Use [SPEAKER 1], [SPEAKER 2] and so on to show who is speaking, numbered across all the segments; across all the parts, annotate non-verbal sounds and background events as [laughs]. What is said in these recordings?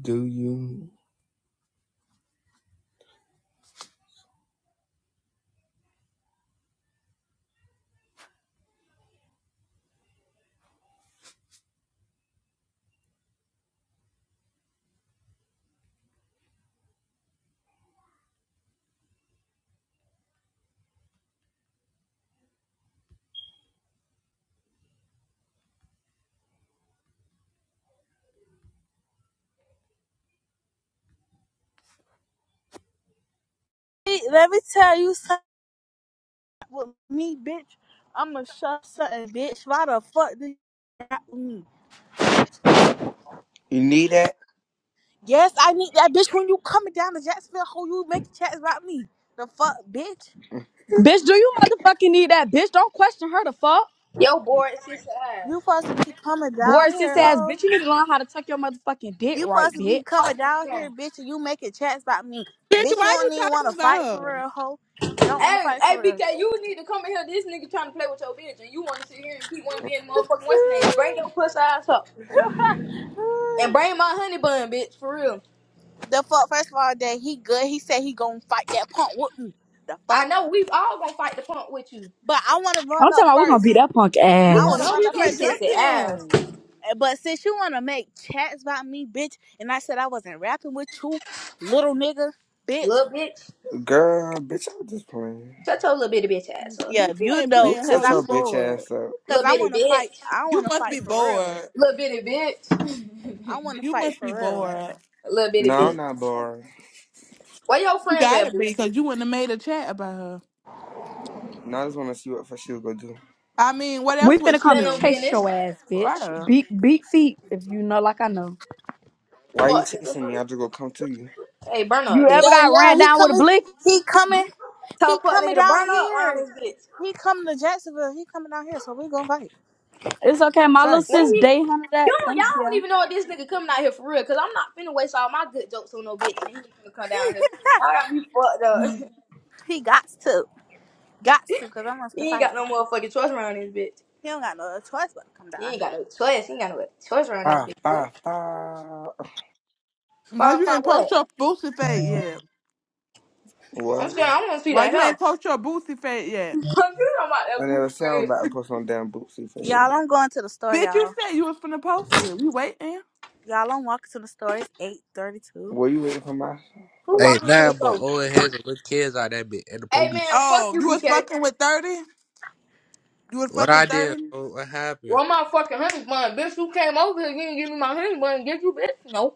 [SPEAKER 1] Do you?
[SPEAKER 2] Hey, let me tell you something with me, bitch. I'ma shove something, bitch. Why the fuck do you rap with me, bitch?
[SPEAKER 1] You need that?
[SPEAKER 2] Yes, I need that bitch when you coming down to Jacksonville. Who you make chats about me? The fuck, bitch?
[SPEAKER 3] Bitch, do you motherfucking need that? Bitch, don't question her the fuck.
[SPEAKER 4] Yo, boy, sister
[SPEAKER 2] You
[SPEAKER 4] ass.
[SPEAKER 2] supposed to be coming down
[SPEAKER 3] Boris, this
[SPEAKER 2] here,
[SPEAKER 3] ass
[SPEAKER 2] huh?
[SPEAKER 3] bitch, you need to learn how to tuck your motherfucking dick
[SPEAKER 2] You supposed
[SPEAKER 3] right,
[SPEAKER 2] to
[SPEAKER 3] bitch.
[SPEAKER 2] be coming down
[SPEAKER 4] Yeah.
[SPEAKER 2] here, bitch, and you making chats about me.
[SPEAKER 5] Bitch,
[SPEAKER 2] Bitch, you
[SPEAKER 5] why you
[SPEAKER 2] don't even
[SPEAKER 5] talking
[SPEAKER 2] want to fight for
[SPEAKER 5] about her?
[SPEAKER 2] real, hoe. You don't want to
[SPEAKER 4] Hey,
[SPEAKER 2] fight for
[SPEAKER 4] hey,
[SPEAKER 2] real.
[SPEAKER 4] BK, you need to come in here. This nigga trying to play with your bitch, and you want to sit here and keep one being motherfucking what's name. Bring your pussy ass up, and bring my honey bun, bitch, for real.
[SPEAKER 2] The fuck, first of all, that he good. He said he gonna fight that punk with me. The
[SPEAKER 4] I
[SPEAKER 2] fuck?
[SPEAKER 4] know we all gonna fight the punk with you.
[SPEAKER 2] But I want to
[SPEAKER 3] I'm
[SPEAKER 2] run
[SPEAKER 3] talking
[SPEAKER 2] up
[SPEAKER 3] about we're gonna beat
[SPEAKER 2] first.
[SPEAKER 3] that punk
[SPEAKER 4] We
[SPEAKER 2] I want
[SPEAKER 4] gonna
[SPEAKER 2] to
[SPEAKER 5] No,
[SPEAKER 3] ass.
[SPEAKER 4] get
[SPEAKER 2] run
[SPEAKER 5] we
[SPEAKER 2] up
[SPEAKER 5] gonna
[SPEAKER 4] his
[SPEAKER 2] first.
[SPEAKER 5] jump
[SPEAKER 4] sister ass,
[SPEAKER 5] him.
[SPEAKER 2] But since you wanna make chats about me, bitch, and I said I wasn't rapping with you, little nigga, bitch.
[SPEAKER 4] little bitch.
[SPEAKER 1] Girl, bitch, I'm just playing.
[SPEAKER 4] Shut your little bitty bitch ass up,
[SPEAKER 2] Yeah,
[SPEAKER 5] Bitch, you
[SPEAKER 2] you
[SPEAKER 5] ain't
[SPEAKER 2] know,
[SPEAKER 1] You
[SPEAKER 5] playing
[SPEAKER 2] cause
[SPEAKER 5] her.
[SPEAKER 1] such
[SPEAKER 2] I,
[SPEAKER 5] You
[SPEAKER 1] your bitch
[SPEAKER 5] bored.
[SPEAKER 1] ass up.
[SPEAKER 2] cause
[SPEAKER 4] little
[SPEAKER 2] I
[SPEAKER 4] bitty
[SPEAKER 2] wanna fight.
[SPEAKER 4] bitch,
[SPEAKER 2] I
[SPEAKER 5] You
[SPEAKER 2] wanna
[SPEAKER 5] must be
[SPEAKER 2] fight for real.
[SPEAKER 5] bored.
[SPEAKER 4] little bitty bitch,
[SPEAKER 2] I wanna
[SPEAKER 5] You
[SPEAKER 2] fight
[SPEAKER 5] must be
[SPEAKER 2] for real.
[SPEAKER 5] bored.
[SPEAKER 4] little bitty
[SPEAKER 1] No, I'm
[SPEAKER 4] bitch.
[SPEAKER 1] not bored.
[SPEAKER 4] Where your
[SPEAKER 5] You
[SPEAKER 4] friends at,
[SPEAKER 5] gotta
[SPEAKER 4] boo?
[SPEAKER 5] be, cause you wouldn't have made a chat about her.
[SPEAKER 1] Now I just want to see what fuck she was going to do.
[SPEAKER 5] I mean, what
[SPEAKER 3] We
[SPEAKER 5] else would
[SPEAKER 3] finna
[SPEAKER 5] she
[SPEAKER 3] come
[SPEAKER 4] Stand on
[SPEAKER 5] do?
[SPEAKER 3] chase
[SPEAKER 4] business.
[SPEAKER 3] your ass,
[SPEAKER 5] Right
[SPEAKER 3] bitch.
[SPEAKER 5] up.
[SPEAKER 3] Beat beat feet, if you know like I know.
[SPEAKER 1] Why you
[SPEAKER 4] Fuck, nigga.
[SPEAKER 1] chasing me? I just gonna come to you.
[SPEAKER 4] Hey, burn up,
[SPEAKER 3] You ever
[SPEAKER 4] bitch.
[SPEAKER 2] Yeah,
[SPEAKER 3] got
[SPEAKER 2] yeah.
[SPEAKER 3] ran
[SPEAKER 2] He
[SPEAKER 3] down with a
[SPEAKER 2] coming.
[SPEAKER 3] blick?
[SPEAKER 2] He coming.
[SPEAKER 4] Tell
[SPEAKER 2] He
[SPEAKER 4] fuck
[SPEAKER 2] coming
[SPEAKER 4] nigga to burn
[SPEAKER 2] down
[SPEAKER 4] up around
[SPEAKER 2] here.
[SPEAKER 4] this bitch.
[SPEAKER 2] He coming to Jacksonville. He coming down here. So we gonna fight.
[SPEAKER 3] It's okay, my little
[SPEAKER 4] What
[SPEAKER 2] Trust.
[SPEAKER 3] sis
[SPEAKER 4] are you?
[SPEAKER 3] day hunted that.
[SPEAKER 4] You don't,
[SPEAKER 3] Thank
[SPEAKER 4] y'all don't
[SPEAKER 3] you.
[SPEAKER 4] even know if this nigga coming out here for real, cause I'm not finna waste all my good jokes on no bitch, and he ain't finna come down here.
[SPEAKER 2] [laughs]
[SPEAKER 4] Y'all got me fucked
[SPEAKER 5] Mhm.
[SPEAKER 4] up.
[SPEAKER 2] he got to. Got to. Cause I
[SPEAKER 4] [laughs]
[SPEAKER 2] wants to
[SPEAKER 4] he ain't got
[SPEAKER 2] fight.
[SPEAKER 4] no motherfucking choice around this bitch.
[SPEAKER 2] He don't got no other choice but to come
[SPEAKER 4] He
[SPEAKER 2] down
[SPEAKER 4] ain't
[SPEAKER 2] here.
[SPEAKER 4] got no choice. He ain't got no choice around this
[SPEAKER 1] Ah,
[SPEAKER 4] bitch. What?
[SPEAKER 1] ah, ah.
[SPEAKER 5] Why
[SPEAKER 4] Fuck,
[SPEAKER 5] you ain't
[SPEAKER 4] fuck
[SPEAKER 5] post
[SPEAKER 4] what?
[SPEAKER 5] your boosty fate yet?
[SPEAKER 1] What?
[SPEAKER 4] I'm saying I want to see
[SPEAKER 5] Why
[SPEAKER 4] that
[SPEAKER 5] you
[SPEAKER 4] hell.
[SPEAKER 5] ain't post your boosty fate
[SPEAKER 4] [laughs]
[SPEAKER 5] yet?
[SPEAKER 4] you talking about
[SPEAKER 1] I
[SPEAKER 4] that booty
[SPEAKER 1] never said I was
[SPEAKER 4] bread?
[SPEAKER 1] about to put some damn bootsy for you.
[SPEAKER 2] Y'all, I'm going to the store,
[SPEAKER 5] Bitch, you
[SPEAKER 2] y'all.
[SPEAKER 5] said you was finna post it. We waiting.
[SPEAKER 2] Y'all, I'm walking to the store. It's 8:32.
[SPEAKER 1] Were you waiting for my
[SPEAKER 4] Who
[SPEAKER 1] fucking...
[SPEAKER 6] Hey,
[SPEAKER 4] walking to the
[SPEAKER 6] nah, but
[SPEAKER 4] store?
[SPEAKER 6] old heads and little kids out that bit and the
[SPEAKER 4] Hey man,
[SPEAKER 6] police.
[SPEAKER 4] fuck
[SPEAKER 5] Oh,
[SPEAKER 4] you,
[SPEAKER 5] you was
[SPEAKER 4] BK.
[SPEAKER 5] fucking with 30? You was
[SPEAKER 6] What
[SPEAKER 5] fucking
[SPEAKER 6] I did,
[SPEAKER 5] 30?
[SPEAKER 6] bro, what happened?
[SPEAKER 4] Run my fucking honey bun, bitch. Who came over here? You didn't give me my honey bun. and Get you, bitch. No,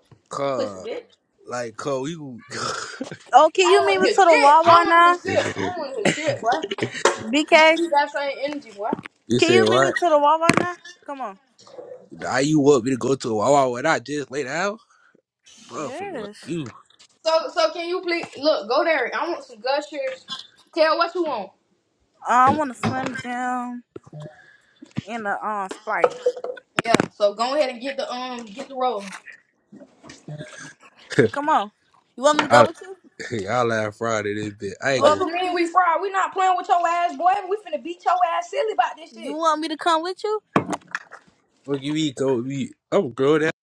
[SPEAKER 4] pussy,
[SPEAKER 6] Cause,
[SPEAKER 4] bitch.
[SPEAKER 6] like, cause you, [laughs]
[SPEAKER 2] Oh, can
[SPEAKER 4] I
[SPEAKER 2] you
[SPEAKER 4] don't
[SPEAKER 2] meet
[SPEAKER 4] want
[SPEAKER 2] me to
[SPEAKER 4] his
[SPEAKER 2] the
[SPEAKER 4] shit. I don't
[SPEAKER 2] Wawa
[SPEAKER 4] want
[SPEAKER 2] now?
[SPEAKER 4] his shit. I don't
[SPEAKER 6] you
[SPEAKER 4] want his shit, boy.
[SPEAKER 2] BK,
[SPEAKER 4] Keep that same energy, boy.
[SPEAKER 2] can
[SPEAKER 6] said
[SPEAKER 2] you meet me
[SPEAKER 6] what?
[SPEAKER 2] to the Wawa now? Come on.
[SPEAKER 6] Now you want me to go to a Wawa when I just laid out? Motherfucker, like
[SPEAKER 2] Yes.
[SPEAKER 6] you.
[SPEAKER 4] So, so can you please look? Go there. I want some gushers. shares. Tell what you want.
[SPEAKER 2] I want a Slim Jim and a uh, Sprite.
[SPEAKER 4] Yeah. So go ahead and get the um get the rolling.
[SPEAKER 6] [laughs]
[SPEAKER 2] Come on. You want me to go
[SPEAKER 6] y'all,
[SPEAKER 2] with you?
[SPEAKER 6] [laughs] y'all laugh Friday this bit. I
[SPEAKER 2] You
[SPEAKER 6] ain't
[SPEAKER 4] What
[SPEAKER 2] want
[SPEAKER 6] gonna
[SPEAKER 2] me to?
[SPEAKER 4] you mean
[SPEAKER 2] c-
[SPEAKER 4] we fried? We not playing with your ass, boy. We finna beat your ass silly about this
[SPEAKER 2] You
[SPEAKER 4] shit.
[SPEAKER 2] want me to come with you?
[SPEAKER 6] fuck you eat, go me. I'm grown that.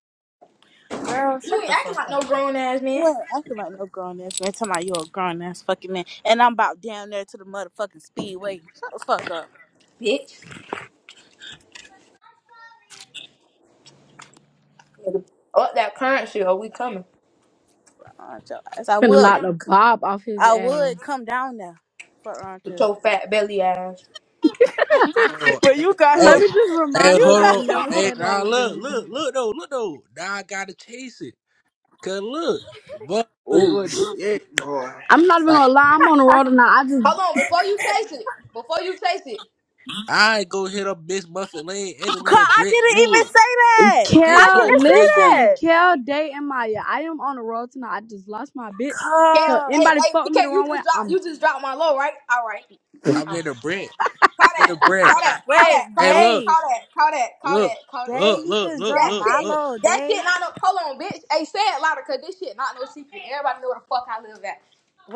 [SPEAKER 2] Girl, shut
[SPEAKER 4] You ain't
[SPEAKER 2] the
[SPEAKER 4] acting
[SPEAKER 2] fuck
[SPEAKER 4] like
[SPEAKER 2] up.
[SPEAKER 4] no grown ass
[SPEAKER 2] You
[SPEAKER 4] man,
[SPEAKER 2] ain't acting like no grown ass man. Talking about you a grown ass fucking man, and I'm about down there to the motherfucking speedway. Shut the fuck up.
[SPEAKER 4] bitch. Nigga, Up that current shit? or we coming
[SPEAKER 2] Uh, your ass. I
[SPEAKER 3] Finna
[SPEAKER 2] would,
[SPEAKER 3] knock the bob off his
[SPEAKER 2] I
[SPEAKER 3] ass.
[SPEAKER 2] would come down there Fuck uh,
[SPEAKER 4] with
[SPEAKER 2] to.
[SPEAKER 4] your fat belly ass.
[SPEAKER 2] [laughs]
[SPEAKER 6] Hold on.
[SPEAKER 2] Well,
[SPEAKER 6] [laughs]
[SPEAKER 2] you got
[SPEAKER 3] Let
[SPEAKER 6] Hey,
[SPEAKER 2] him.
[SPEAKER 3] me just
[SPEAKER 6] hey,
[SPEAKER 3] remind you
[SPEAKER 2] You
[SPEAKER 3] not to
[SPEAKER 6] hold on.
[SPEAKER 2] got
[SPEAKER 3] never
[SPEAKER 2] him.
[SPEAKER 6] Hey,
[SPEAKER 3] say that
[SPEAKER 6] now look,
[SPEAKER 3] again.
[SPEAKER 6] look, look though, look though. Now I gotta chase it. Cause look,
[SPEAKER 1] Oh,
[SPEAKER 6] motherfucker,
[SPEAKER 1] shit, boy.
[SPEAKER 3] I'm not even gonna lie, I'm on the road and I just
[SPEAKER 4] Hold on, before you taste it, before you taste it,
[SPEAKER 6] I go hit up Miss Muffin Lane and a
[SPEAKER 2] Cause
[SPEAKER 6] little
[SPEAKER 2] I
[SPEAKER 6] Brent
[SPEAKER 2] didn't even
[SPEAKER 6] Wood.
[SPEAKER 2] say that.
[SPEAKER 6] Shit
[SPEAKER 2] I
[SPEAKER 6] so
[SPEAKER 3] Kel,
[SPEAKER 2] didn't
[SPEAKER 6] crazy.
[SPEAKER 3] listen,
[SPEAKER 2] say
[SPEAKER 3] Kel, Day, and Maya. I am on the road tonight. I just lost my bitch.
[SPEAKER 4] can
[SPEAKER 3] So
[SPEAKER 2] that.
[SPEAKER 4] hey
[SPEAKER 2] Cause
[SPEAKER 3] anybody
[SPEAKER 4] hey,
[SPEAKER 3] fuck with me the
[SPEAKER 4] PK, you
[SPEAKER 3] wrong way,
[SPEAKER 4] just drop
[SPEAKER 3] I'm,
[SPEAKER 4] you just drop my low, right? All right.
[SPEAKER 6] I'm
[SPEAKER 4] All right.
[SPEAKER 6] in a Brent.
[SPEAKER 4] Call
[SPEAKER 6] I'm
[SPEAKER 4] that.
[SPEAKER 6] in a
[SPEAKER 4] Call
[SPEAKER 6] Brent.
[SPEAKER 4] that. Call that.
[SPEAKER 2] wait,
[SPEAKER 4] Call
[SPEAKER 6] Hey,
[SPEAKER 4] that.
[SPEAKER 6] look,
[SPEAKER 2] Day,
[SPEAKER 4] Call that. Call that. Call
[SPEAKER 6] look,
[SPEAKER 4] that. Call that.
[SPEAKER 2] Day,
[SPEAKER 6] look,
[SPEAKER 2] he
[SPEAKER 6] look,
[SPEAKER 2] just
[SPEAKER 6] look,
[SPEAKER 4] That
[SPEAKER 2] dropped
[SPEAKER 6] look,
[SPEAKER 4] shit.
[SPEAKER 6] look.
[SPEAKER 2] Milo.
[SPEAKER 4] That
[SPEAKER 2] Day,
[SPEAKER 4] shit not no. Hold on, bitch. Hey, say it louder, cause this shit not no secret. Everybody know where the fuck I live at.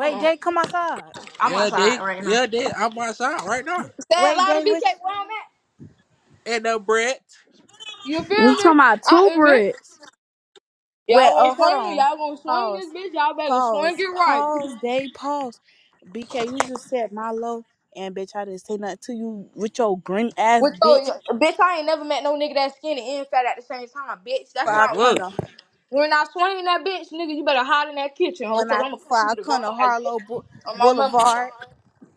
[SPEAKER 4] Hold on.
[SPEAKER 2] Day, come outside.
[SPEAKER 4] I'm
[SPEAKER 6] Yeah, they,
[SPEAKER 4] outside right now.
[SPEAKER 6] yeah, they. I'm outside right now.
[SPEAKER 4] Say it
[SPEAKER 2] Wait,
[SPEAKER 4] louder,
[SPEAKER 2] Day,
[SPEAKER 4] BK.
[SPEAKER 2] which?
[SPEAKER 4] Where I'm at.
[SPEAKER 6] And a Brent.
[SPEAKER 4] You
[SPEAKER 3] I'm
[SPEAKER 4] feel
[SPEAKER 3] talking
[SPEAKER 4] me?
[SPEAKER 3] about
[SPEAKER 4] I
[SPEAKER 3] two
[SPEAKER 4] am, bitch.
[SPEAKER 3] bricks.
[SPEAKER 2] Wait,
[SPEAKER 4] Y'all gonna
[SPEAKER 2] oh, hold
[SPEAKER 4] swing,
[SPEAKER 2] on.
[SPEAKER 4] y'all gonna swing
[SPEAKER 2] Pause,
[SPEAKER 4] this bitch, y'all better swing it
[SPEAKER 2] pause,
[SPEAKER 4] right.
[SPEAKER 2] pause. Day, pause. BK, you just said Milo, and bitch, I didn't say nothing to you with your green ass
[SPEAKER 4] With so
[SPEAKER 2] bitch.
[SPEAKER 4] bitch, I ain't never met no nigga that skinny and fat at the same time, bitch. That's
[SPEAKER 2] For
[SPEAKER 6] Hey,
[SPEAKER 2] I
[SPEAKER 6] look.
[SPEAKER 4] why.
[SPEAKER 2] kinda
[SPEAKER 4] When I swing that bitch, nigga, you better hide in that kitchen, hoe,
[SPEAKER 2] when
[SPEAKER 4] cause
[SPEAKER 2] I
[SPEAKER 4] I'ma come
[SPEAKER 2] for
[SPEAKER 4] through
[SPEAKER 2] I
[SPEAKER 4] the garage,
[SPEAKER 2] kinda
[SPEAKER 4] bitch.
[SPEAKER 2] Harlow Bou-
[SPEAKER 4] On my mama,
[SPEAKER 2] Boulevard.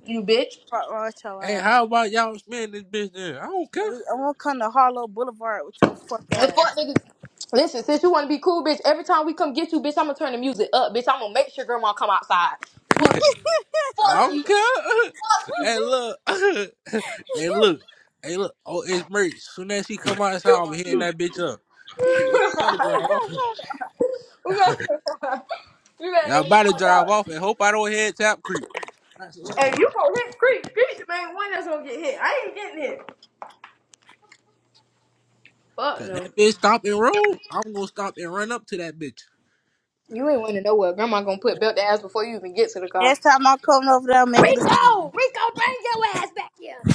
[SPEAKER 4] you bitch.
[SPEAKER 2] Front row, your
[SPEAKER 6] Hey, how about y'all spend this bitch then? I don't care.
[SPEAKER 2] I won't come to Harlow Boulevard with your fuck
[SPEAKER 4] The
[SPEAKER 2] ass.
[SPEAKER 4] fuck, niggas. Listen, since you wanna be cool, bitch, every time we come get you, bitch, I'ma turn the music up, bitch. I'ma make sure grandma come outside. Fuck you,
[SPEAKER 6] I
[SPEAKER 4] fuck
[SPEAKER 6] don't
[SPEAKER 4] you.
[SPEAKER 6] care. [laughs] hey, look. [laughs] hey, look. Hey, look. Oh, it's merch. Soon as she come outside, I'm hitting that bitch up. Sorry, girl.
[SPEAKER 2] [laughs]
[SPEAKER 4] [laughs] you better
[SPEAKER 6] Yeah, I'm about to
[SPEAKER 4] fuck
[SPEAKER 6] drive
[SPEAKER 4] up.
[SPEAKER 6] off and hope I don't head Tap Creek.
[SPEAKER 4] Hey, you gonna hit creep, creep, the main one that's gonna get hit. I ain't getting hit. Fuck
[SPEAKER 6] Cause
[SPEAKER 4] no.
[SPEAKER 6] that bitch stop and roll. I'm gonna stop and run up to that bitch.
[SPEAKER 4] You ain't winning nowhere. Grandma gonna put belt the ass before you even get to the car.
[SPEAKER 2] Next time I'm coming over there, I'll make it a scene.
[SPEAKER 4] Rico! Rico, bring your ass back here!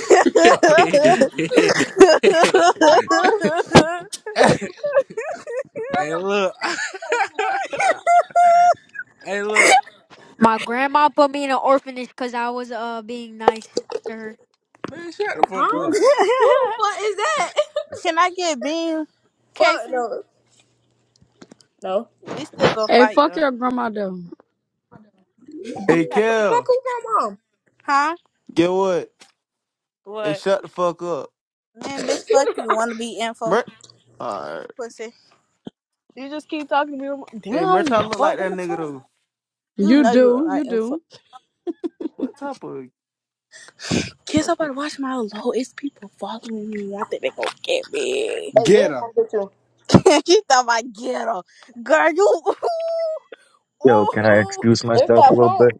[SPEAKER 2] [laughs]
[SPEAKER 6] [laughs] hey look. [laughs] hey look.
[SPEAKER 7] My grandma put me in an orphanage because I was uh being nice to her.
[SPEAKER 6] Man, shut the fuck
[SPEAKER 4] Huh?
[SPEAKER 6] up.
[SPEAKER 4] Who the fuck is that? [laughs]
[SPEAKER 2] Can I get beam,
[SPEAKER 4] Fuck
[SPEAKER 2] Casey?
[SPEAKER 4] no. No.
[SPEAKER 2] We still gonna
[SPEAKER 3] Hey,
[SPEAKER 2] fight
[SPEAKER 3] fuck
[SPEAKER 2] though,
[SPEAKER 3] your grandma though.
[SPEAKER 8] Hey,
[SPEAKER 4] What the fuck
[SPEAKER 8] Kel,
[SPEAKER 4] who got mom?
[SPEAKER 2] huh?
[SPEAKER 8] get what? Hey,
[SPEAKER 2] What?
[SPEAKER 8] shut the fuck up.
[SPEAKER 2] Man, bitch, fuck you. Wanna be info,
[SPEAKER 8] Mer- Alright.
[SPEAKER 2] pussy? You just keep talking to me.
[SPEAKER 8] Hey,
[SPEAKER 2] Damn,
[SPEAKER 8] Merch, I
[SPEAKER 2] what?
[SPEAKER 8] look
[SPEAKER 2] What
[SPEAKER 8] like that
[SPEAKER 2] the
[SPEAKER 8] nigga
[SPEAKER 2] fuck?
[SPEAKER 8] though.
[SPEAKER 2] You
[SPEAKER 3] You
[SPEAKER 2] know you look
[SPEAKER 3] do, you
[SPEAKER 2] like info.
[SPEAKER 3] do.
[SPEAKER 8] What type of
[SPEAKER 2] Kids, I'm about
[SPEAKER 8] fucking.
[SPEAKER 2] to watch my low. It's people following me. I think they gonna get me.
[SPEAKER 4] It
[SPEAKER 1] Get
[SPEAKER 4] is
[SPEAKER 1] her.
[SPEAKER 4] gonna get you.
[SPEAKER 2] [laughs] she thought I get her. Girl, you.
[SPEAKER 9] Yo,
[SPEAKER 2] Ooh,
[SPEAKER 9] can I
[SPEAKER 2] ooh.
[SPEAKER 9] introduce
[SPEAKER 4] It's
[SPEAKER 9] myself a
[SPEAKER 4] that
[SPEAKER 9] little
[SPEAKER 4] punk.
[SPEAKER 9] bit?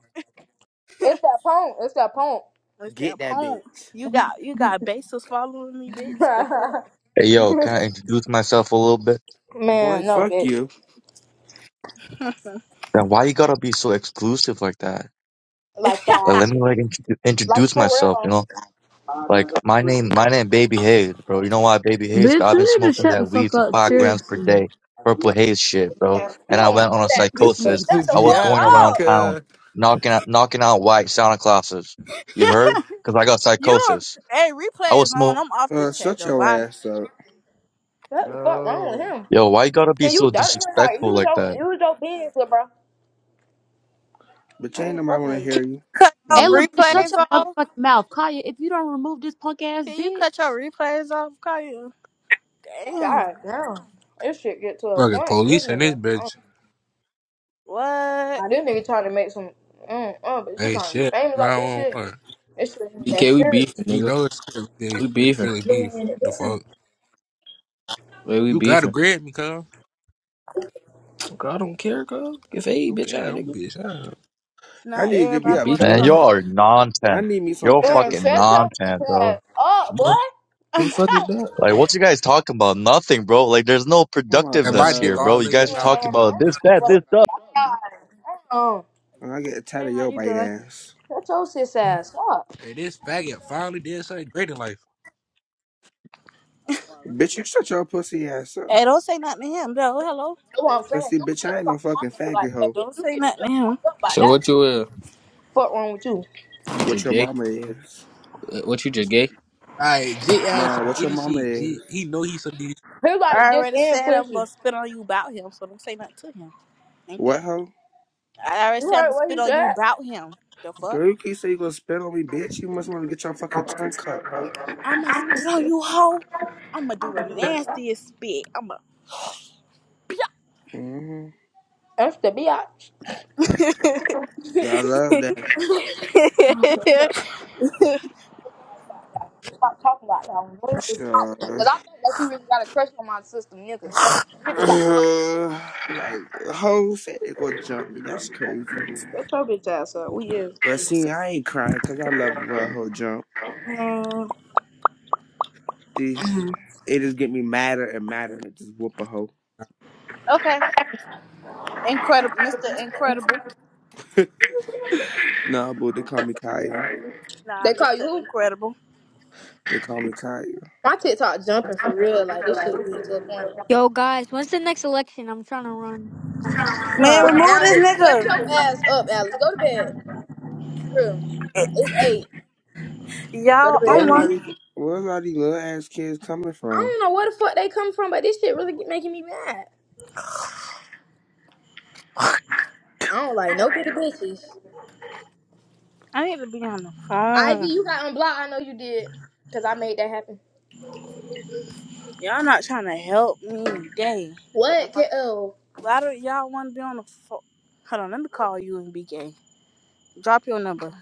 [SPEAKER 2] [laughs]
[SPEAKER 4] It's that punk. It's that punk.
[SPEAKER 2] What's
[SPEAKER 1] Get
[SPEAKER 2] that
[SPEAKER 1] that
[SPEAKER 2] poem?
[SPEAKER 1] bitch.
[SPEAKER 2] You got you got bases following me, bitch. The fuck?
[SPEAKER 9] Hey, yo, can I introduce myself a little bit?
[SPEAKER 4] [laughs]
[SPEAKER 1] Boy,
[SPEAKER 4] Man, no,
[SPEAKER 1] fuck
[SPEAKER 4] bitch.
[SPEAKER 1] you.
[SPEAKER 9] Now, why you gotta be so exclusive like that?
[SPEAKER 4] Like
[SPEAKER 9] Like,
[SPEAKER 4] that.
[SPEAKER 9] let me like intro-
[SPEAKER 4] Like
[SPEAKER 9] introduce
[SPEAKER 4] for
[SPEAKER 9] myself. You
[SPEAKER 4] real.
[SPEAKER 9] know,
[SPEAKER 4] Man, we
[SPEAKER 9] like my name, my name, Baby Hayes, bro. You know why Baby Hayes? Bro,
[SPEAKER 3] Bitch,
[SPEAKER 9] I've been
[SPEAKER 3] you need to
[SPEAKER 9] smoking
[SPEAKER 3] shut the
[SPEAKER 9] that
[SPEAKER 4] don't
[SPEAKER 9] weed
[SPEAKER 3] fuck
[SPEAKER 9] for
[SPEAKER 3] up,
[SPEAKER 9] five grams per
[SPEAKER 3] seriously.
[SPEAKER 9] day, purple haze shit, bro. And I
[SPEAKER 4] do
[SPEAKER 9] went on a
[SPEAKER 4] that
[SPEAKER 8] [laughs]
[SPEAKER 4] shit,
[SPEAKER 8] This
[SPEAKER 4] but
[SPEAKER 9] psychosis.
[SPEAKER 4] shut
[SPEAKER 8] nigga's
[SPEAKER 9] I
[SPEAKER 4] the
[SPEAKER 9] was
[SPEAKER 4] fuck
[SPEAKER 9] going
[SPEAKER 8] yapping,
[SPEAKER 9] around
[SPEAKER 4] up.
[SPEAKER 9] town,
[SPEAKER 8] cuz.
[SPEAKER 9] knocking out, knocking out white Santa Clauses. You
[SPEAKER 2] [laughs]
[SPEAKER 9] heard? Cause I got
[SPEAKER 2] you don't-
[SPEAKER 9] psychosis.
[SPEAKER 2] hey,
[SPEAKER 9] I
[SPEAKER 2] replay
[SPEAKER 9] was
[SPEAKER 2] is on.
[SPEAKER 9] smoking.
[SPEAKER 2] I'm off
[SPEAKER 1] Uh,
[SPEAKER 2] this chat
[SPEAKER 1] shut
[SPEAKER 2] though.
[SPEAKER 1] your
[SPEAKER 2] Why?
[SPEAKER 1] ass up.
[SPEAKER 4] What the fuck wrong with
[SPEAKER 8] No.
[SPEAKER 4] him?
[SPEAKER 9] Yo, why you gotta be
[SPEAKER 4] Can you
[SPEAKER 9] so
[SPEAKER 4] dirt him? Like,
[SPEAKER 9] disrespectful
[SPEAKER 4] use
[SPEAKER 9] like
[SPEAKER 4] your,
[SPEAKER 9] that?
[SPEAKER 4] use your business, bro.
[SPEAKER 1] But
[SPEAKER 4] I
[SPEAKER 1] ain't
[SPEAKER 4] ain't
[SPEAKER 1] nobody
[SPEAKER 4] fucking
[SPEAKER 1] want to
[SPEAKER 4] with you.
[SPEAKER 1] hear
[SPEAKER 2] Can
[SPEAKER 1] you.
[SPEAKER 2] you cut your
[SPEAKER 10] Hey,
[SPEAKER 1] Lame.
[SPEAKER 10] little bitch, shut
[SPEAKER 2] replays
[SPEAKER 10] your
[SPEAKER 2] off?
[SPEAKER 10] motherfucking mouth. Kaya, if you don't remove this punk ass
[SPEAKER 2] Can you cut
[SPEAKER 10] bitch.
[SPEAKER 2] your replays off? Call you. Damn.
[SPEAKER 4] God damn. This shit get to a
[SPEAKER 6] Fucking
[SPEAKER 4] point. This
[SPEAKER 6] police in this
[SPEAKER 4] nigga. I don't
[SPEAKER 6] bitch.
[SPEAKER 2] What?
[SPEAKER 4] Now this nigga trying to make some. Mm, mm, bitch, you
[SPEAKER 6] Hey
[SPEAKER 4] trying to be
[SPEAKER 6] shit.
[SPEAKER 4] famous off this shit?
[SPEAKER 6] 911.
[SPEAKER 4] This shit ain't that
[SPEAKER 11] BK, we
[SPEAKER 4] serious.
[SPEAKER 11] beefing,
[SPEAKER 6] You
[SPEAKER 11] nigga.
[SPEAKER 6] know it's really big.
[SPEAKER 11] We
[SPEAKER 6] It's
[SPEAKER 11] beefing.
[SPEAKER 6] really beef. The fuck.
[SPEAKER 11] Wait, we
[SPEAKER 6] You gotta
[SPEAKER 11] beefing.
[SPEAKER 6] grab me, cuz.
[SPEAKER 11] Girl, I don't care, girl. Get fade,
[SPEAKER 6] Okay
[SPEAKER 11] bitch,
[SPEAKER 6] then
[SPEAKER 11] out,
[SPEAKER 6] I'm a
[SPEAKER 11] nigga.
[SPEAKER 6] bitch. I don't
[SPEAKER 1] I
[SPEAKER 2] Not
[SPEAKER 1] need to give
[SPEAKER 11] I'm
[SPEAKER 1] me
[SPEAKER 11] gonna
[SPEAKER 2] everybody
[SPEAKER 1] a
[SPEAKER 11] beat
[SPEAKER 2] wants to
[SPEAKER 1] pepper
[SPEAKER 11] your
[SPEAKER 9] Man,
[SPEAKER 11] ass.
[SPEAKER 1] spray.
[SPEAKER 2] fight.
[SPEAKER 9] y'all are
[SPEAKER 1] I
[SPEAKER 9] nonsense.
[SPEAKER 1] need me some
[SPEAKER 9] You're
[SPEAKER 1] pepper
[SPEAKER 4] Man,
[SPEAKER 9] fucking
[SPEAKER 4] shut
[SPEAKER 1] spray.
[SPEAKER 4] your
[SPEAKER 9] nonsense,
[SPEAKER 4] bitch
[SPEAKER 9] bro.
[SPEAKER 4] ass up, boy.
[SPEAKER 6] know.
[SPEAKER 11] Who the
[SPEAKER 2] [laughs]
[SPEAKER 4] Damn.
[SPEAKER 11] fuck is that?
[SPEAKER 9] Like, what you guys talking about? Nothing, bro. Like, there's no
[SPEAKER 1] Oh my
[SPEAKER 6] And my
[SPEAKER 9] productiveness
[SPEAKER 6] dick
[SPEAKER 9] here, bro.
[SPEAKER 6] all
[SPEAKER 1] gosh.
[SPEAKER 9] You
[SPEAKER 6] in your
[SPEAKER 9] guys are
[SPEAKER 6] mouth.
[SPEAKER 9] talking about this, that,
[SPEAKER 4] Well,
[SPEAKER 9] this, that.
[SPEAKER 4] God, damn.
[SPEAKER 1] I get tired
[SPEAKER 2] hey,
[SPEAKER 1] of
[SPEAKER 2] how
[SPEAKER 1] your
[SPEAKER 2] you
[SPEAKER 1] bite
[SPEAKER 2] doing?
[SPEAKER 1] ass.
[SPEAKER 4] Shut your sis ass up.
[SPEAKER 6] And this faggot finally did something great in life.
[SPEAKER 1] Bitch, you shut your pussy ass up.
[SPEAKER 2] Hey, don't say nothing to him. No, hello.
[SPEAKER 4] That's what I'm
[SPEAKER 1] Let's
[SPEAKER 4] saying.
[SPEAKER 1] see,
[SPEAKER 4] You don't
[SPEAKER 1] bitch,
[SPEAKER 4] get
[SPEAKER 1] I
[SPEAKER 4] to
[SPEAKER 1] ain't
[SPEAKER 4] talk
[SPEAKER 1] no
[SPEAKER 4] to my
[SPEAKER 1] fucking
[SPEAKER 4] brother like
[SPEAKER 1] faggot
[SPEAKER 4] that,
[SPEAKER 1] hoe.
[SPEAKER 4] bitch.
[SPEAKER 2] Don't
[SPEAKER 4] You
[SPEAKER 2] say
[SPEAKER 4] getting
[SPEAKER 2] nothing
[SPEAKER 4] shut
[SPEAKER 2] to
[SPEAKER 4] the
[SPEAKER 2] him.
[SPEAKER 4] fuck up by
[SPEAKER 11] So
[SPEAKER 4] that
[SPEAKER 11] what you uh?
[SPEAKER 4] one. Fuck wrong with you?
[SPEAKER 11] You
[SPEAKER 1] What
[SPEAKER 11] just
[SPEAKER 1] your
[SPEAKER 11] gay?
[SPEAKER 1] mama is.
[SPEAKER 11] Uh, What you just gay?
[SPEAKER 6] Alright, Jit asked
[SPEAKER 1] Nah,
[SPEAKER 6] some
[SPEAKER 1] what your
[SPEAKER 6] idiot
[SPEAKER 1] mama
[SPEAKER 6] shit. Jit,
[SPEAKER 1] is.
[SPEAKER 6] he know he some idiot
[SPEAKER 4] He like
[SPEAKER 2] I
[SPEAKER 4] dick
[SPEAKER 2] already
[SPEAKER 4] and
[SPEAKER 2] said I'm gonna
[SPEAKER 4] pussy.
[SPEAKER 2] spit on you about him, so don't say nothing to him. Okay.
[SPEAKER 1] What hoe?
[SPEAKER 2] I already
[SPEAKER 4] You
[SPEAKER 2] said I'm
[SPEAKER 4] heard
[SPEAKER 2] gonna
[SPEAKER 4] what he
[SPEAKER 2] spit on you
[SPEAKER 4] said?
[SPEAKER 2] about him. The fuck?
[SPEAKER 1] Girl, you keep saying you gonna spit on me, bitch. You must wanna get your fucking tongue cut, hoe.
[SPEAKER 2] I'm gonna spit on you, hoe. I'm gonna do the nastiest spit. I'm gonna.
[SPEAKER 1] hmm
[SPEAKER 4] That's the bitch.
[SPEAKER 1] Yeah, I love that.
[SPEAKER 2] [laughs]
[SPEAKER 4] Stop talking about that one. Because I
[SPEAKER 1] Sure. [sighs]
[SPEAKER 4] think that you really got a crush on my sister, nigga. You need
[SPEAKER 1] [clears throat]
[SPEAKER 4] to stop.
[SPEAKER 1] like, hoe said they gonna jump me. That's crazy.
[SPEAKER 4] Shut your bitch ass up. We is.
[SPEAKER 1] But see, I ain't crying because I love when a hoe jump.
[SPEAKER 4] Mm.
[SPEAKER 1] See, it just get me madder and madder and just whoop a hoe.
[SPEAKER 2] okay. Incredible. Mr. Incredible.
[SPEAKER 1] No, but they call me Kaya.
[SPEAKER 2] Nah,
[SPEAKER 4] They call you
[SPEAKER 2] Mr.
[SPEAKER 4] who?
[SPEAKER 2] Incredible.
[SPEAKER 1] They call me Kaya.
[SPEAKER 4] My TikTok jumping for real. Like this shit getting to a point.
[SPEAKER 7] Yo, guys, when's the next election? I'm trying to run.
[SPEAKER 2] Man,
[SPEAKER 4] Uh,
[SPEAKER 2] remove this
[SPEAKER 4] Alex, shut your
[SPEAKER 2] nigga.
[SPEAKER 4] ass up, Alex. Go to bed. For real. It's eight. Go to
[SPEAKER 2] Y'all, I'm
[SPEAKER 4] bed.
[SPEAKER 1] Where's all these,
[SPEAKER 2] one.
[SPEAKER 1] where's all these little ass kids coming
[SPEAKER 4] I
[SPEAKER 1] from,
[SPEAKER 4] don't know where the fuck they come from, but this shit really get- making me mad. I don't like no bitty bitches.
[SPEAKER 2] I need to be on the
[SPEAKER 4] Ivy,
[SPEAKER 2] phone.
[SPEAKER 4] you got unblocked. I know you did, cause I made that happen.
[SPEAKER 2] Y'all not trying to help me. Dang. What the
[SPEAKER 4] What?
[SPEAKER 2] fuck?
[SPEAKER 4] K- oh,
[SPEAKER 2] Why do y'all want to be on the phone? Hold on, let me call you and be gay. Drop your number.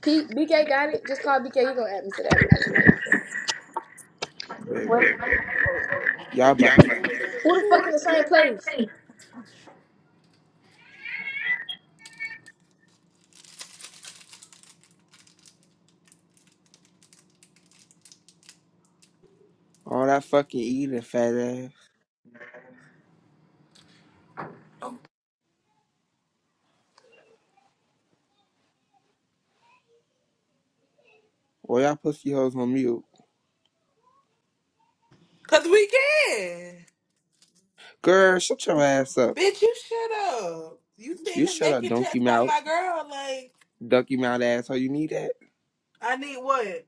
[SPEAKER 4] P- BK got it. Just call BK. He gonna add me to that bitch.
[SPEAKER 2] What?
[SPEAKER 1] baby? Y'all about
[SPEAKER 5] Yeah, I'm
[SPEAKER 4] Who the fuck in the same place?
[SPEAKER 5] back.
[SPEAKER 1] all that fucking eating, fat ass. Well, y'all pussy hoes on mute.
[SPEAKER 5] Cause we can.
[SPEAKER 1] Girl, shut your ass up.
[SPEAKER 5] Bitch, you shut up. You sitting
[SPEAKER 1] You
[SPEAKER 5] here
[SPEAKER 1] shut up,
[SPEAKER 5] making checks
[SPEAKER 1] donkey
[SPEAKER 5] about
[SPEAKER 1] mouth.
[SPEAKER 5] my girl. Like,
[SPEAKER 1] Donkey mouth ass, how you need that?
[SPEAKER 5] I need what?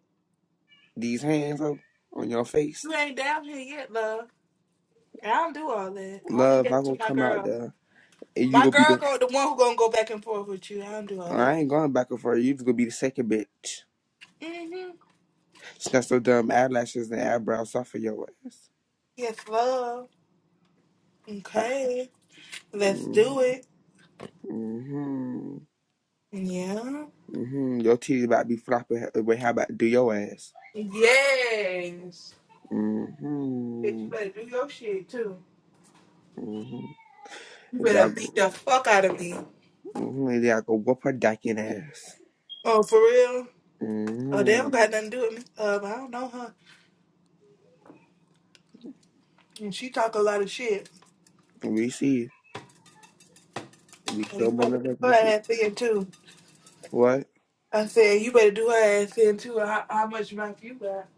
[SPEAKER 1] These hands up on your face.
[SPEAKER 5] You ain't down here yet, love. And I don't do all that. I leave
[SPEAKER 1] Love, I
[SPEAKER 5] that to
[SPEAKER 1] gonna
[SPEAKER 5] my
[SPEAKER 1] come out
[SPEAKER 5] girl.
[SPEAKER 1] there and you
[SPEAKER 5] My
[SPEAKER 1] gonna be
[SPEAKER 5] girl,
[SPEAKER 1] the.
[SPEAKER 5] go the one who gonna go back and forth with you. I don't do all
[SPEAKER 1] I
[SPEAKER 5] that.
[SPEAKER 1] ain't going back and forth. You just gonna be the second bitch.
[SPEAKER 5] hmm
[SPEAKER 1] She got so dumb eyelashes and eyebrows off of your ass.
[SPEAKER 5] Yes, love.
[SPEAKER 1] I,
[SPEAKER 5] Okay, let's
[SPEAKER 1] mm,
[SPEAKER 5] do it.
[SPEAKER 1] Mm-hmm.
[SPEAKER 5] Yeah.
[SPEAKER 1] Mm-hmm. Your titties about to be flopping. Wait, how about do your ass?
[SPEAKER 5] Yes. Bitch, you
[SPEAKER 1] Mm-hmm.
[SPEAKER 5] better do your shit too.
[SPEAKER 1] Mm-hmm.
[SPEAKER 5] You
[SPEAKER 1] And
[SPEAKER 5] better
[SPEAKER 1] y'all go,
[SPEAKER 5] beat the fuck out of me.
[SPEAKER 1] mm-hmm. and y'all go whoop her dacking ass.
[SPEAKER 5] Oh, for real? Oh, they
[SPEAKER 1] Mm-hmm.
[SPEAKER 5] don't got nothing to do with me. Um, I don't know her. And she talk a lot of shit.
[SPEAKER 1] We see. We
[SPEAKER 5] So you
[SPEAKER 1] show
[SPEAKER 5] better do her
[SPEAKER 1] motherfuckers. it.
[SPEAKER 5] ass in too.
[SPEAKER 1] What?
[SPEAKER 5] I said, you better do her ass in too. How, how much mouth you got?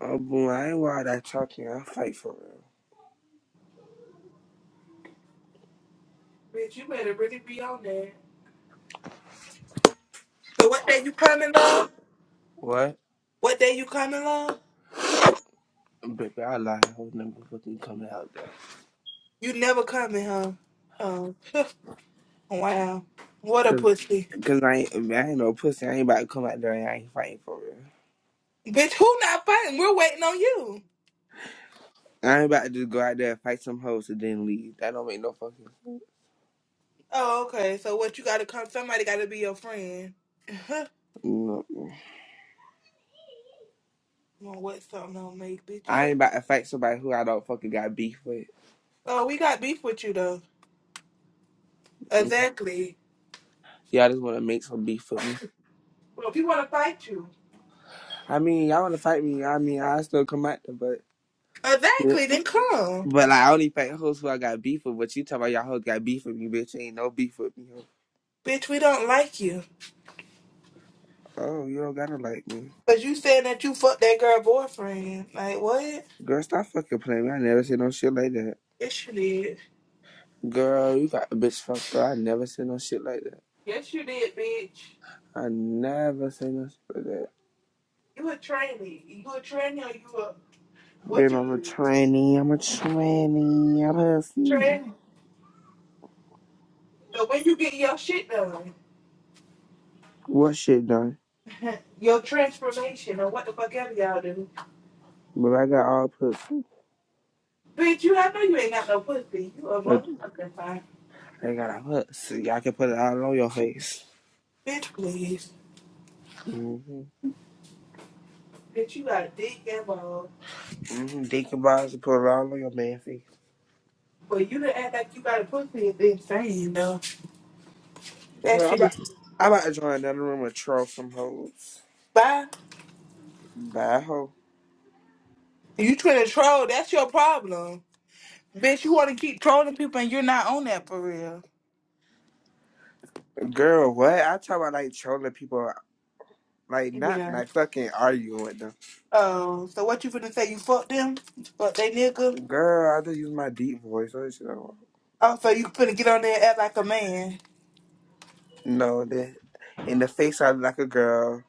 [SPEAKER 1] Oh, boy, I ain't worried about that talking. I fight for real.
[SPEAKER 5] Bitch, you better really be on that. So what day you coming, love?
[SPEAKER 1] What?
[SPEAKER 5] What day you coming, love?
[SPEAKER 1] Baby, I lie. I was never fucking coming out there.
[SPEAKER 5] You never coming, huh? Oh, [laughs] wow. What a
[SPEAKER 1] Cause,
[SPEAKER 5] pussy.
[SPEAKER 1] Cause I ain't, I ain't no pussy. I ain't about to come out there and I ain't fighting for real.
[SPEAKER 5] Bitch, who not fighting? We're waiting on you.
[SPEAKER 1] I ain't about to just go out there and fight some hoes and then leave. That don't make no fucking.
[SPEAKER 5] Oh, okay. So what you gotta come? Somebody gotta be your friend. [laughs]
[SPEAKER 1] No.
[SPEAKER 5] Well, what something don't make, bitch?
[SPEAKER 1] I
[SPEAKER 5] You
[SPEAKER 1] ain't
[SPEAKER 5] a...
[SPEAKER 1] about to fight somebody who I don't fucking got beef with.
[SPEAKER 5] Oh, we got beef with you, though.
[SPEAKER 1] Mm.
[SPEAKER 5] Exactly.
[SPEAKER 1] Y'all just want to make some beef with me.
[SPEAKER 5] Well, if you want to fight you.
[SPEAKER 1] I mean, y'all want to fight me. I mean, I still come out there, but. Yeah.
[SPEAKER 5] Exactly, then come.
[SPEAKER 1] But like, I only fight hoes who I got beef with. But you talking about y'all hoes got beef with me, bitch. Ain't no beef with me. hoe.
[SPEAKER 5] Bitch, we don't like you.
[SPEAKER 1] Oh, you don't gotta like me.
[SPEAKER 5] Cause you saying that you fucked that girl boyfriend. Like what?
[SPEAKER 1] Girl, stop fucking playing me. I never said no shit like that.
[SPEAKER 5] Yes you did.
[SPEAKER 1] Girl, you got a bitch fucked up. I never said no shit like that.
[SPEAKER 5] Yes you did, bitch.
[SPEAKER 1] I never said no shit like that.
[SPEAKER 5] You a trainee. You a trainee or you a what
[SPEAKER 1] Babe,
[SPEAKER 5] you
[SPEAKER 1] I'm a
[SPEAKER 5] do?
[SPEAKER 1] tranny. I'm a tranny. I'm a pussy.
[SPEAKER 5] Trainee. The way you get your shit done.
[SPEAKER 1] What shit done?
[SPEAKER 5] Your transformation or what the fuck ever y'all do.
[SPEAKER 1] But I got all pussy.
[SPEAKER 5] Bitch, you I know you ain't got no pussy. You a
[SPEAKER 1] But
[SPEAKER 5] motherfucking fine.
[SPEAKER 1] they got a pussy. I can put it all on your face.
[SPEAKER 5] Bitch please.
[SPEAKER 1] Mm-hmm.
[SPEAKER 5] Bitch you got a dick and balls.
[SPEAKER 1] Mm-hmm. Dick and balls and put it all on your man face.
[SPEAKER 5] But you to act like you got a pussy is insane though. That
[SPEAKER 1] Hey, I'm
[SPEAKER 5] shit
[SPEAKER 1] about,
[SPEAKER 5] is
[SPEAKER 1] I'm about to join another room and troll some hoes.
[SPEAKER 5] bye.
[SPEAKER 1] Bye, hoe.
[SPEAKER 5] You Twitter troll. That's your problem, bitch. You want to keep trolling people, and you're not on that for real.
[SPEAKER 1] Girl, what? I talk about like trolling people. Like, not
[SPEAKER 5] Yeah.
[SPEAKER 1] like fucking arguing with them.
[SPEAKER 5] Oh, so what you finna say? You fuck them? Fuck they nigga?
[SPEAKER 1] Girl, I just use my deep voice. What is she talking about?
[SPEAKER 5] Oh, so you finna get on there and act like a man?
[SPEAKER 1] No, that in the face I look like a girl.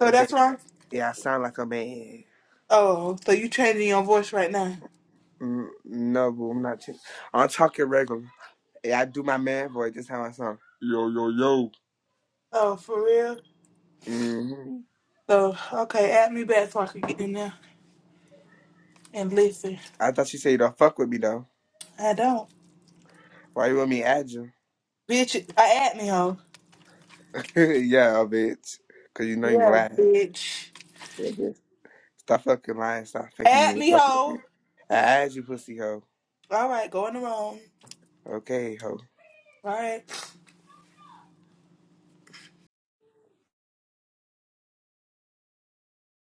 [SPEAKER 5] So
[SPEAKER 1] And baby.
[SPEAKER 5] that's wrong.
[SPEAKER 1] Yeah, I sound like a man.
[SPEAKER 5] Oh, so you changing your voice right now?
[SPEAKER 1] Mm, no, boo, I'm not. Ch- I'm talking regular. Yeah, I do my man voice. That's how I sound. Yo, yo, yo.
[SPEAKER 5] Oh, for real?
[SPEAKER 1] hmm
[SPEAKER 5] So okay, add me back so I can get in there and listen.
[SPEAKER 1] I thought you said you don't fuck with me though.
[SPEAKER 5] I don't,
[SPEAKER 1] Why you want me at you?
[SPEAKER 5] bitch. I add me hoe.
[SPEAKER 1] [laughs] yeah, oh, bitch. Cause you know you
[SPEAKER 5] Yeah,
[SPEAKER 1] lying.
[SPEAKER 5] bitch.
[SPEAKER 1] Yeah, bitch. Stop fucking lying. Stop faking
[SPEAKER 5] Add
[SPEAKER 1] you.
[SPEAKER 5] me
[SPEAKER 1] Fucking with me.
[SPEAKER 5] hoe.
[SPEAKER 1] I asked you, pussy hoe.
[SPEAKER 5] All right, go in the room. All
[SPEAKER 1] Okay, hoe.
[SPEAKER 5] right.